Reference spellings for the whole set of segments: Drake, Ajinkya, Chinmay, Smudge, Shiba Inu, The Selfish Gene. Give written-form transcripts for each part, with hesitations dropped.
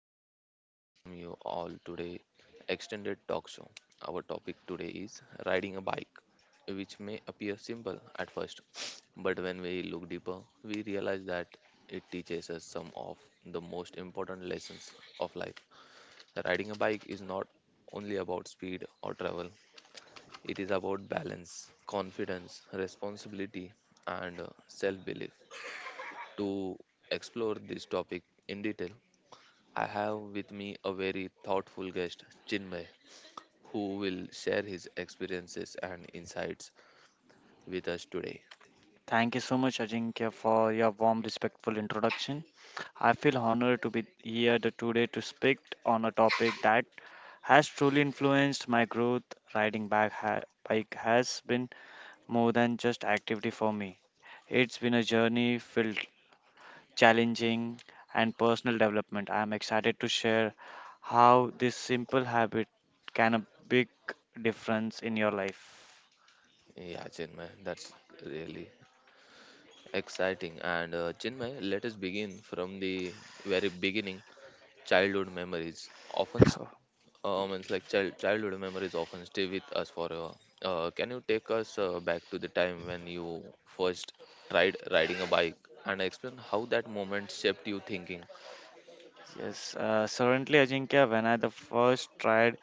immense pleasure to welcome you all today. Extended talk show. Our topic today is riding a bike, which may appear simple at first, but when we look deeper, we realize that it teaches us some of the most important lessons of life. Riding a bike is not only about speed or travel; it is about balance, confidence, responsibility, and self belief. To explore this topic in detail, I have with me a very thoughtful guest, Chinmay, who will share his experiences and insights with us today. Thank you so much, Ajinkya, for your warm, respectful introduction. I feel honored to be here today to speak on a topic that has truly influenced my growth. Riding bike has been more than just activity for me. It's been a journey filled challenging and personal development. I am excited to share how this simple habit can a big difference in your life. Yeah, Chinmay, that's really exciting. And Chinmay, let us begin from the very beginning. Childhood memories often childhood memories often stay with us forever. Can you take us back to the time when you first tried riding a bike and explain how that moment shaped your thinking? Yes, certainly, Ajinkya. When I the first tried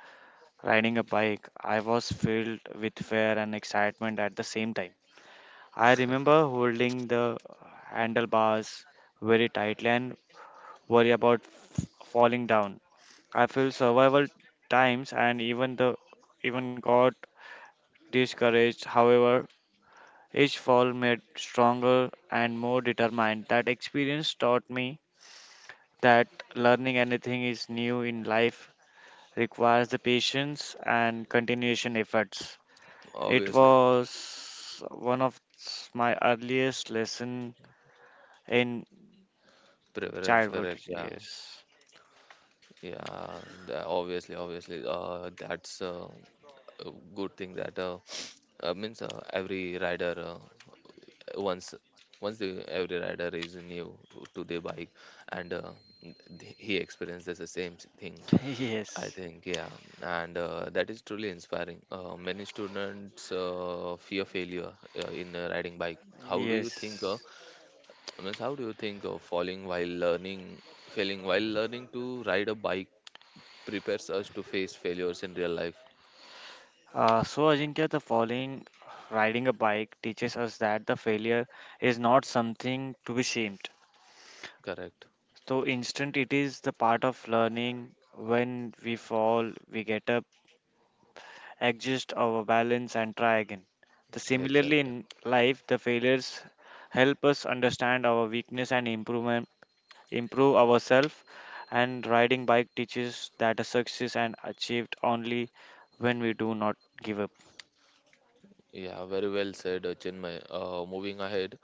riding a bike, I was filled with fear and excitement at the same time. I remember holding the handlebars very tightly and worry about falling down. I feel survival times and even got discouraged. However, each fall made stronger and more determined. That experience taught me that learning anything is new in life requires the patience and continuation efforts. It Obviously, was one of my earliest lesson in preference, childhood. correct? Yeah, Yes. yeah. Obviously. That's A good thing that means every rider once once the every rider is new to the bike and he experiences the same thing I Yes. think, yeah, and that is truly inspiring. Many students fear failure in riding bike. How do you think? Uh, Yes. means how do you think falling while learning, failing while learning to ride a bike prepares us to face failures in real life? So Ajinkya, the following riding a bike teaches us that the failure is not something to be shamed. Correct. So instant it is the part of learning. When we fall, we get up, adjust our balance and try again. The similarly Exact. in life, the failures help us understand our weakness and improve ourselves, and riding bike teaches that a success and achieved only when we do not give up. Yeah, very well said, Chinmay. Moving ahead,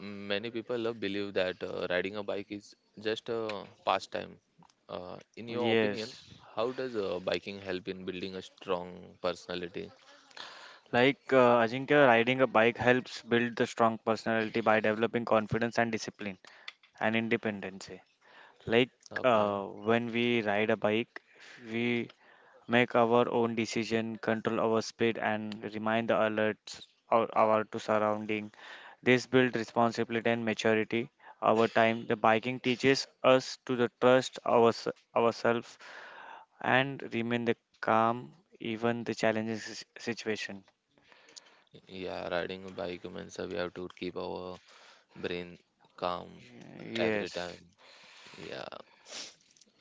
many people believe that riding a bike is just a pastime. In your opinion, Yes. how does biking help in building a strong personality? Like Ajinkya, riding a bike helps build the strong personality Okay. Yeah, riding a bike means we have to keep our brain calm every time. Yeah.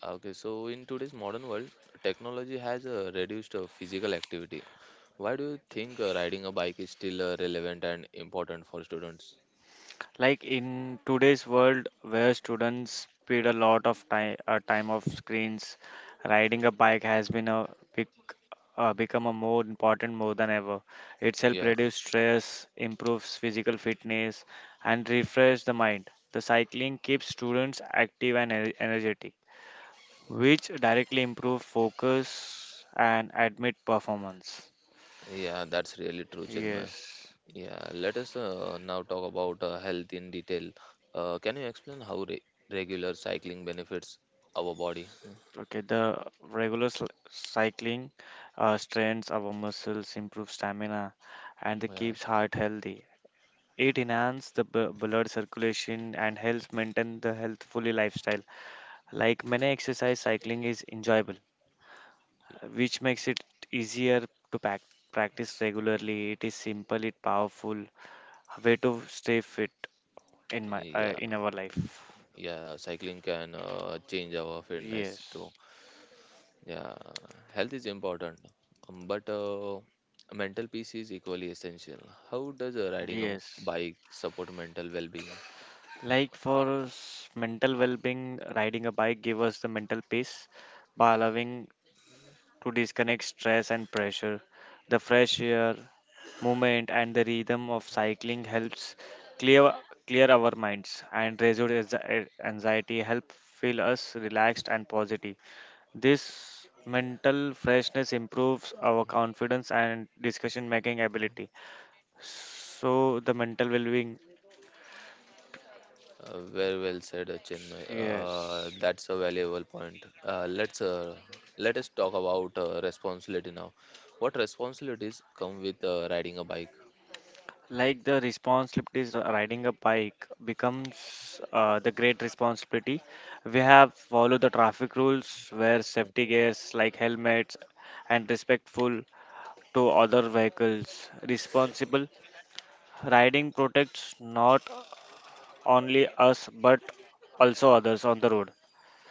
Okay, so in today's modern world, technology has reduced physical activity. Why do you think riding a bike is still relevant and important for students? Yeah, yeah, that's really true, Chinmay. Yeah, let us now talk about health in detail. Can you explain how re regular cycling benefits our body? Yeah, yeah, yeah. Cycling can change our fitness too. Yeah, health is important, but mental peace is equally essential. How does riding a bike support mental well-being? Very well said, Chinmay. That's a valuable point. Let us talk about responsibility now. What responsibilities come with riding a bike? Mm.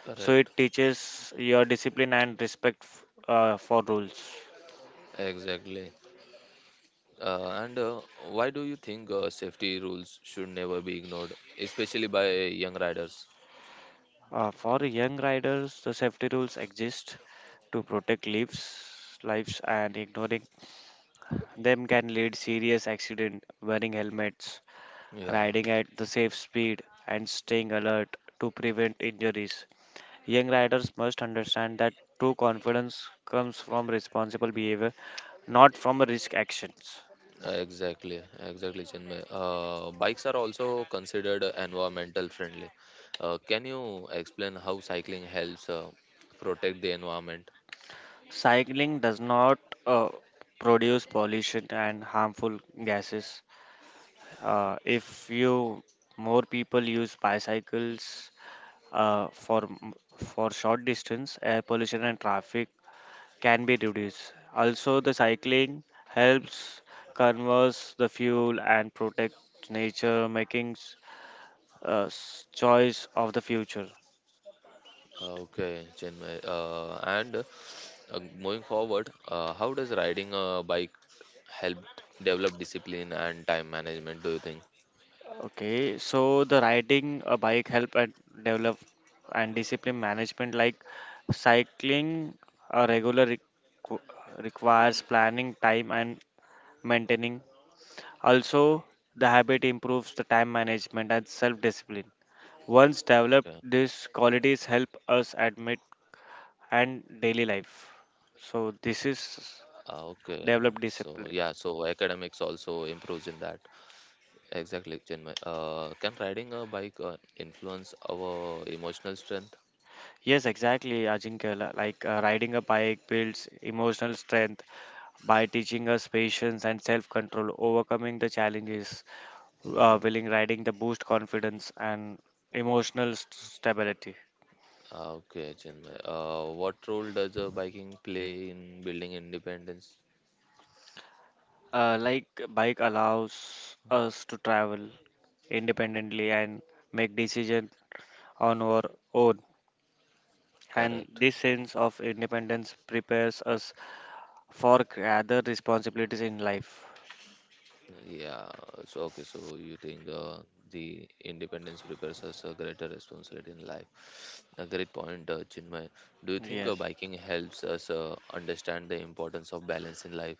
Correct. Exactly. And why do you think safety rules should never be ignored, especially by young riders? Yeah. Exactly, exactly, Chinmay. Bikes are also considered environmental friendly. Can you explain how cycling helps protect the environment? Okay, Chinmay. And moving forward, how does riding a bike help develop discipline and time management, do you think? Okay. Ah, okay. So yeah, so academics also improves in that. Exactly, Chinmay. Can riding a bike influence our emotional strength? Hmm. Okay, Chinmay. What role does biking play in building independence? Correct. Yeah. So okay. So you think the independence prepares us a greater responsibility in life? A great point, Chinmay. Do you think biking helps us understand the importance of balance in life?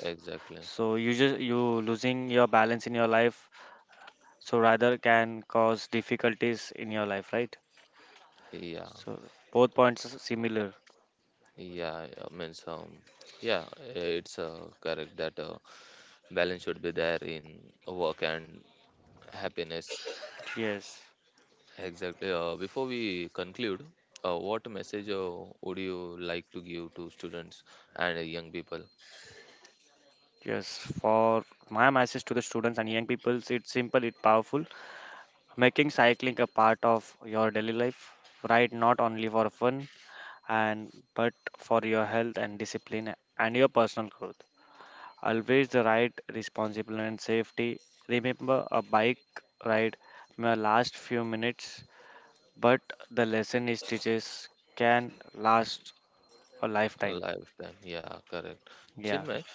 Exactly. Yeah. Yeah, I mean, so, yeah, it's correct that balance should be there in work and happiness. Exactly. Before we conclude, what message would you like to give to students and young people? Lifetime, yeah, correct. Chinmay,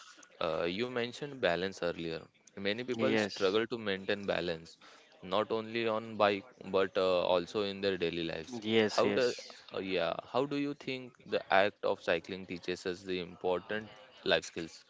you mentioned balance earlier. Many people struggle to maintain balance, not only on bike but also in their daily lives. How do, yeah, how do you think the act of cycling teaches us the important life skills?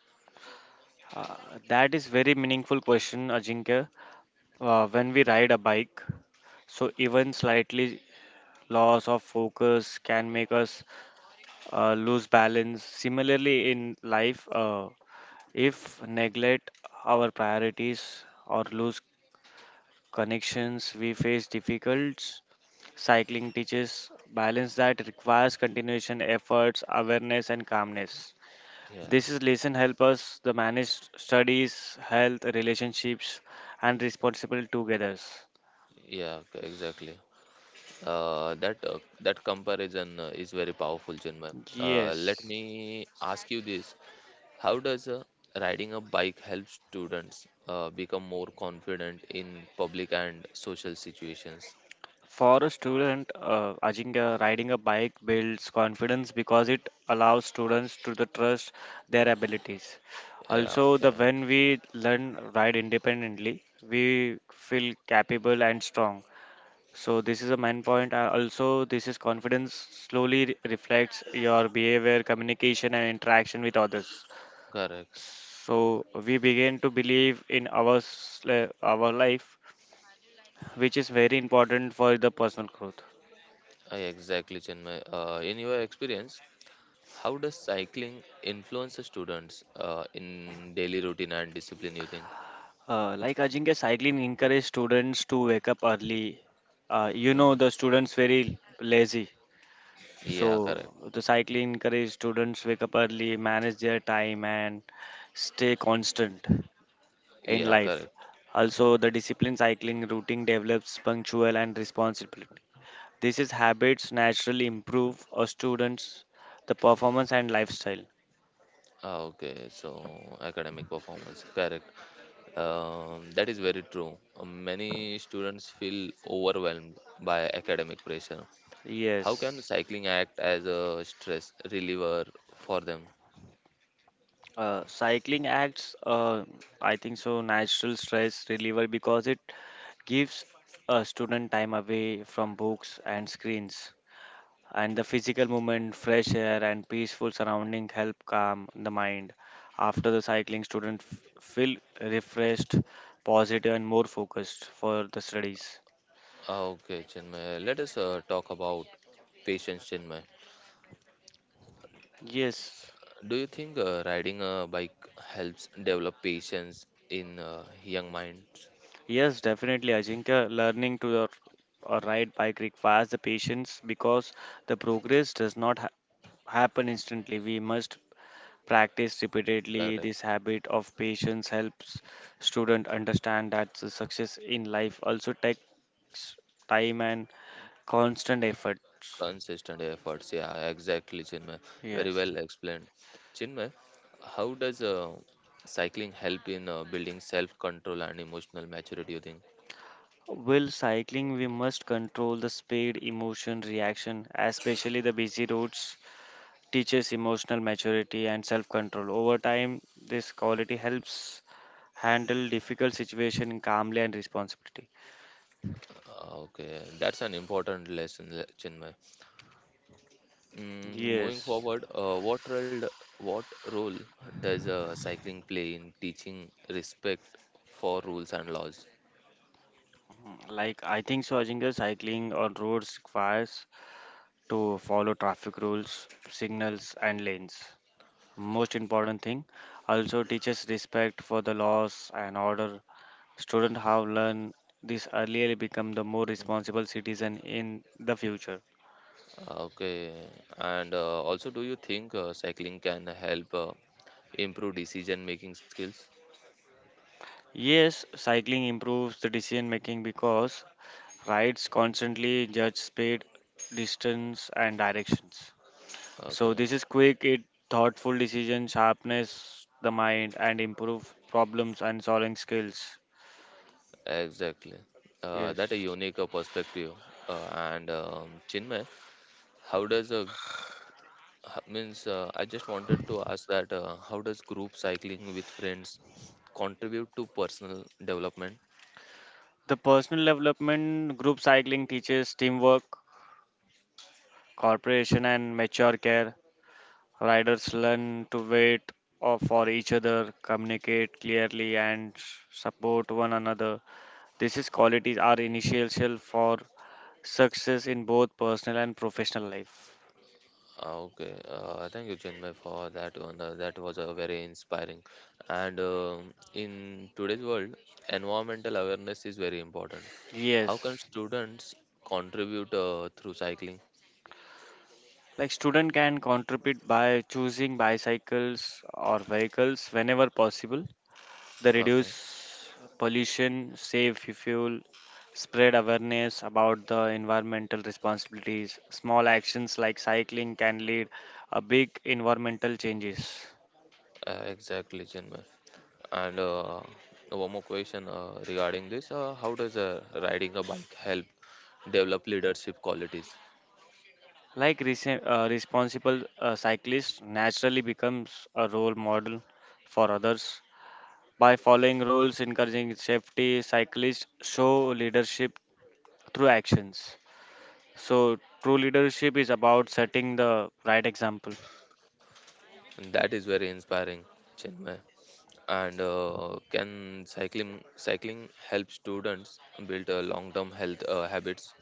Yeah, exactly. That comparison is very powerful, Chinmay. Let me ask you this: How does riding a bike help students become more confident in public and social situations? Yeah, okay, correct. Exactly, Chinmay. In your experience, how does cycling influence the students in daily routine and discipline, you think? Hmm. Yeah, correct. Yeah, correct. Ah, okay, so academic performance, correct. That is very true. Many students feel overwhelmed by academic pressure. How can cycling act as a stress reliever for them? Ah, okay, Chinmay, let us talk about patience, Chinmay. Do you think riding a bike helps develop patience in young minds? Correct. Consistent efforts, yeah, exactly, Chinmay. Very well explained. Chinmay, how does cycling help in building self-control and emotional maturity, you think? Okay, that's an important lesson, Chinmay. Mm, moving forward, what role does cycling play in teaching respect for rules and laws? Mm-hmm. Okay, and also, do you think cycling can help improve decision making skills? Okay, exactly. That a unique perspective. Uh, and Chinmay, how does means I just wanted to ask that how does group cycling with friends contribute to personal development? Ah, okay, thank you, Chinmay, for that one. That was a very inspiring. And In today's world, environmental awareness is very important. How can students contribute through cycling? Okay, exactly, Chinmay. And one more question regarding this: how does riding a bike help develop leadership qualities? And that is very inspiring, Chinmay. And can cycling help students build long-term health habits.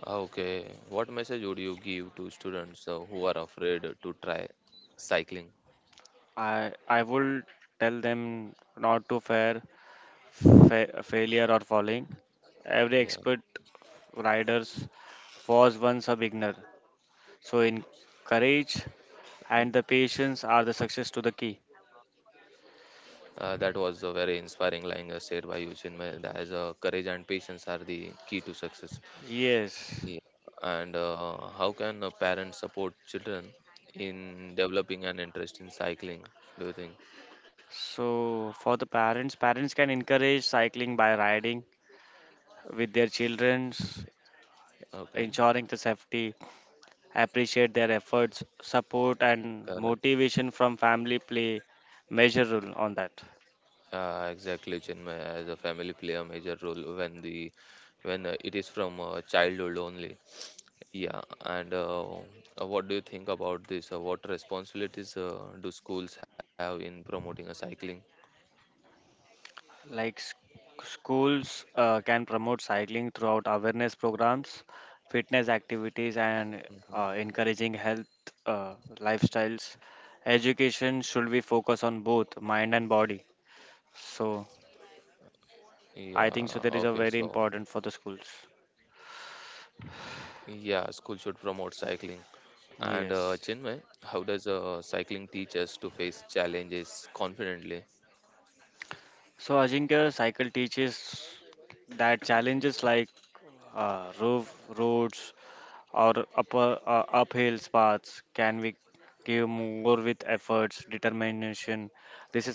Ah, okay, what message would you give to students who are afraid to try cycling? Yeah. Mm, that was a very inspiring line said by you, Chinmay, that is, courage and patience are the key to success. Yeah. And how can parents support children in developing an interest in cycling, do you think? Okay. Correct. Exactly, Chinmay, as a family play a major role when the when it is from childhood only. Yeah, and what do you think about this? What responsibilities do schools have in promoting a cycling? Mhm. Yeah, okay, so yeah, school should promote cycling. And Chinmay, how does cycling teach us to face challenges confidently?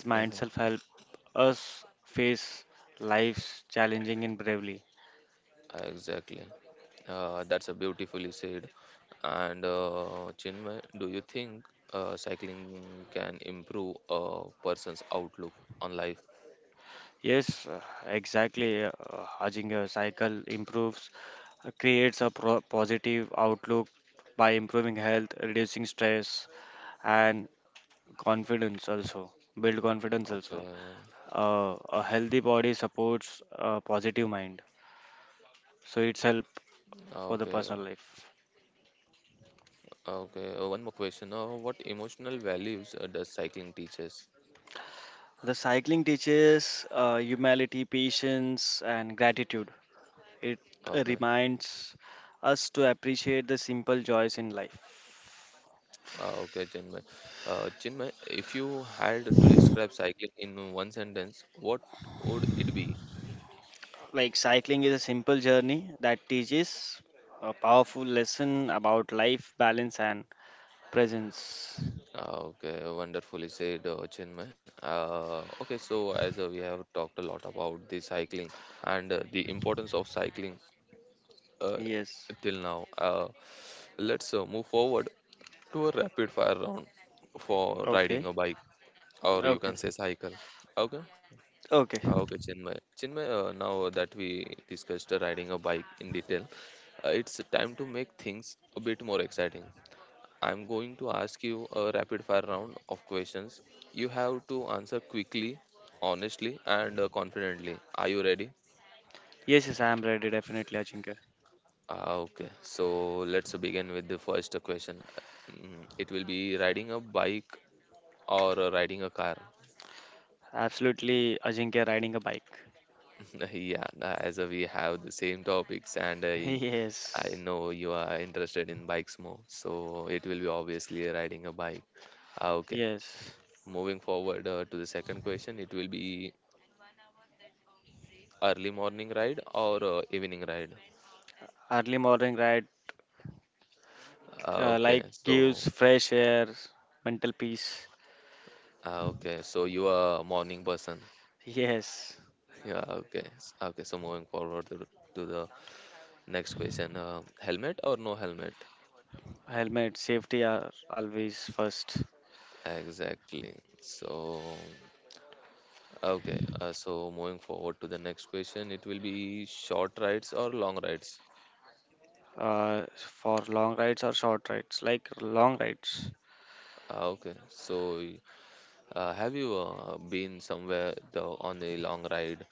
Hmm. Exactly. That's a beautifully said. And Chinmay, do you think cycling can improve a person's outlook on life? Okay. Okay. Okay. One more question. What emotional values does cycling teaches? Okay. Okay, Chinmay. Chinmay, if you had to describe cycling in one sentence, what would it be? Ah, okay, wonderfully said, Chinmay. Okay, so as we have talked a lot about the cycling and the importance of cycling uh, till now, let's move forward to a rapid fire round for riding a bike or you can say cycle. Okay. Ah, okay, Chinmay. Chinmay, now that we discussed riding a bike in detail, it's time to make things a bit more exciting. I'm going to ask you a rapid fire round of questions. You have to answer quickly, honestly, and confidently. Are you ready? Ah, okay, so let's begin with the first question. Mm, it will be riding a bike or riding a car. Yeah, as we have the same topics, and I know you are interested in bikes more, so it will be obviously riding a bike. Ah, okay, moving forward to the second question, it will be early morning ride or evening ride? Ah, okay, so ah, okay, so you are a morning person. Okay. So moving forward to the next question: helmet or no helmet? Exactly. So okay, so moving forward to the next question, it will be short rides or long rides? Ah, okay, so y- have you been somewhere on a long ride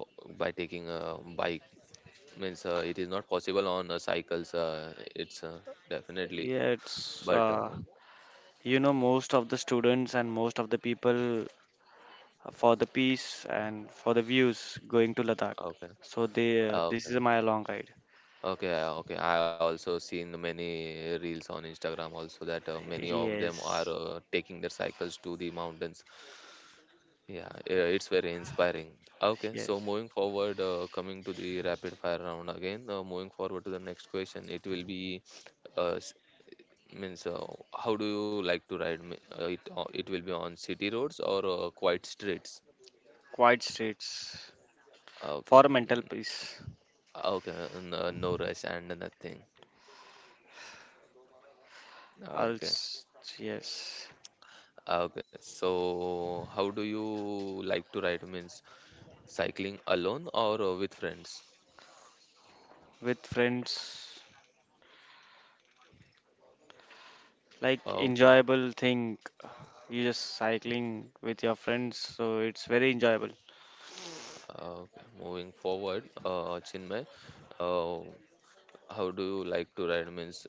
uh, by taking a bike? Means it is not possible on cycles, it's definitely, but okay. Uh, okay. Okay, okay, I also seen many reels on Instagram also that many of them are taking their cycles to the mountains. Yeah, it's very inspiring. Okay, so moving forward, coming to the rapid fire round again, moving forward to the next question, it will be s- means how do you like to ride? It will be on city roads or quiet streets? Okay. Mm. Okay. No, no rush and nothing. Okay. Okay. So, how do you like to ride? Means cycling alone or with friends? Okay. Okay. Moving forward, Chinmay, uh, how do you like to ride? Means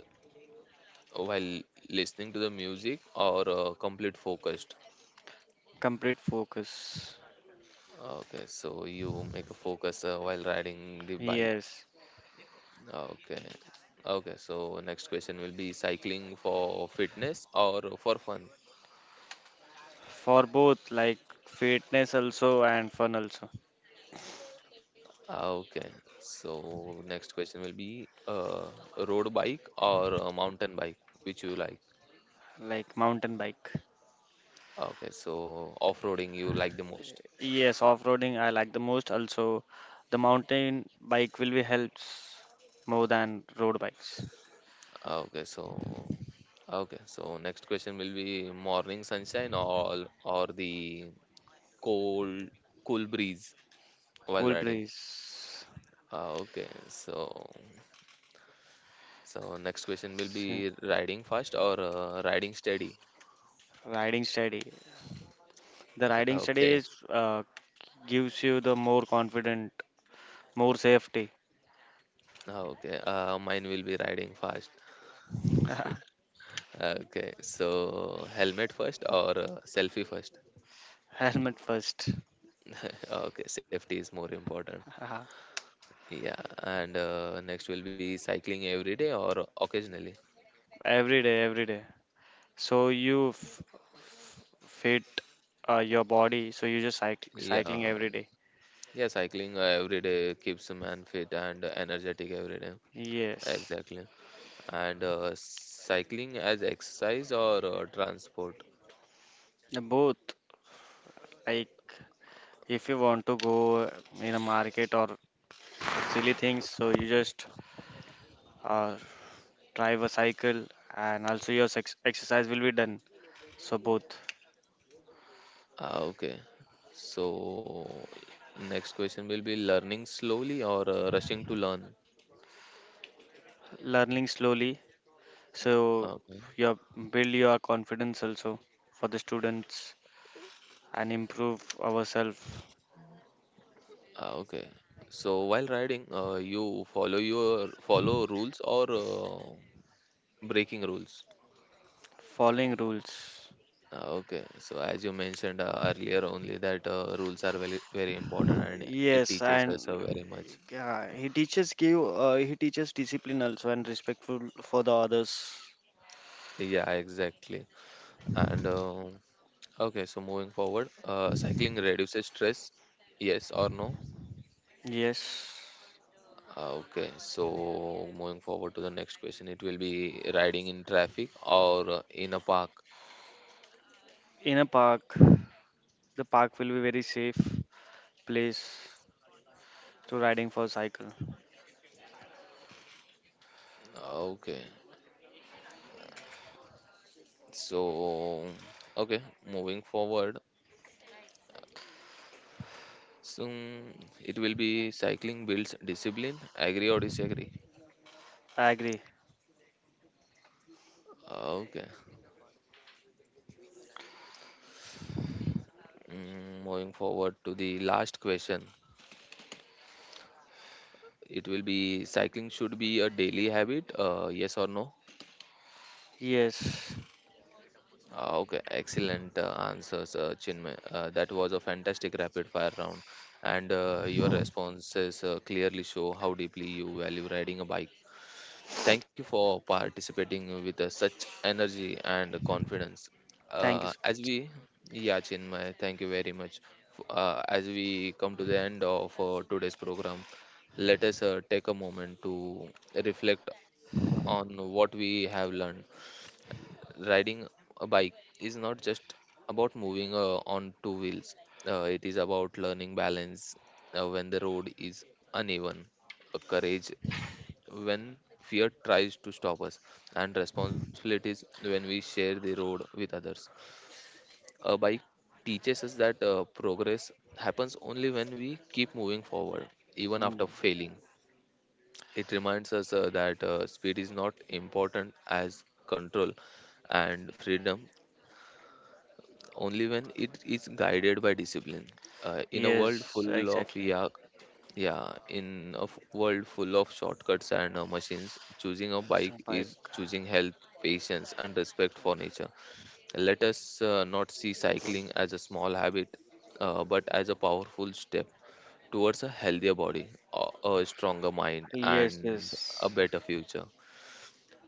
while listening to the music or complete focused? Okay. So, you make a focus while riding the bike. Okay. Okay. So next question will be cycling for fitness or for fun? Okay. So next question will be road bike or a mountain bike, which you like. Okay. So off-roading you like the most. Okay. So okay. So next question will be morning sunshine or the cold cool breeze while riding. Okay. So next question will be riding fast or riding steady? Okay. Okay. Mine will be riding fast. Okay. So helmet first or selfie first? Okay. Safety is more important. Yeah. And next will be cycling every day or occasionally? Yeah. Yeah, cycling every day keeps a man fit and energetic every day. Exactly. And cycling as exercise or transport? Okay. So next question will be learning slowly or rushing to learn. Okay. Okay. So while riding, you follow rules or breaking rules. Okay. So as you mentioned earlier, only that rules are very very important and it teaches us very much. Yeah, exactly. And Okay, so moving forward, cycling reduces stress. Yes or no? Okay, moving forward to the next question, it will be riding in traffic or in a park. Okay, so okay, moving forward, so it will be cycling builds discipline. Agree or disagree? Okay, moving forward to the last question, it will be cycling should be a daily habit. Yes or no? Okay, excellent answers, Chinmay. That was a fantastic rapid fire round, and your responses clearly show how deeply you value riding a bike. Thank you for participating with such energy and confidence. Uh, as we, yeah, Chinmay, thank you very much. As we come to the end of today's program, let us take a moment to reflect on what we have learned. Riding a bike is not just about moving on two wheels. It is about learning balance when the road is uneven, courage when fear tries to stop us, and responsibilities when we share the road with others. A bike teaches us that progress happens only when we keep moving forward, even after failing. It reminds us that speed is not important as control, and freedom only when it is guided by discipline. In a world full of yeah, Yeah, in a world full of shortcuts and machines, choosing a bike is choosing health, patience, and respect for nature. Let us not see cycling as a small habit, but as a powerful step towards a healthier body, a stronger mind, and a better future.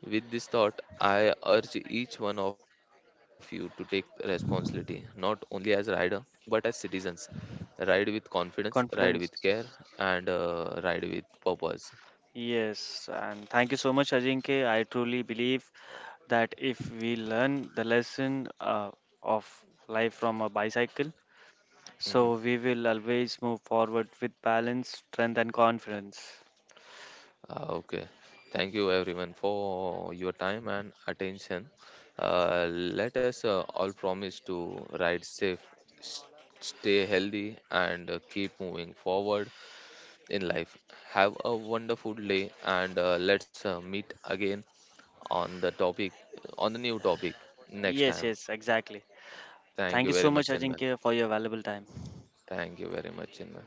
With this thought, I urge each one of you to take responsibility, not only as rider, but as citizens. Ride with confidence, ride with care, and ride with purpose. Mhm. Okay. Thank you everyone for your time and attention. Let us all promise to ride safe, s- stay healthy, and keep moving forward in life. Have a wonderful day, and let's meet again on the topic, on the new topic next time. Thank you very much, Chinmay. Thank you very much, Chinmay.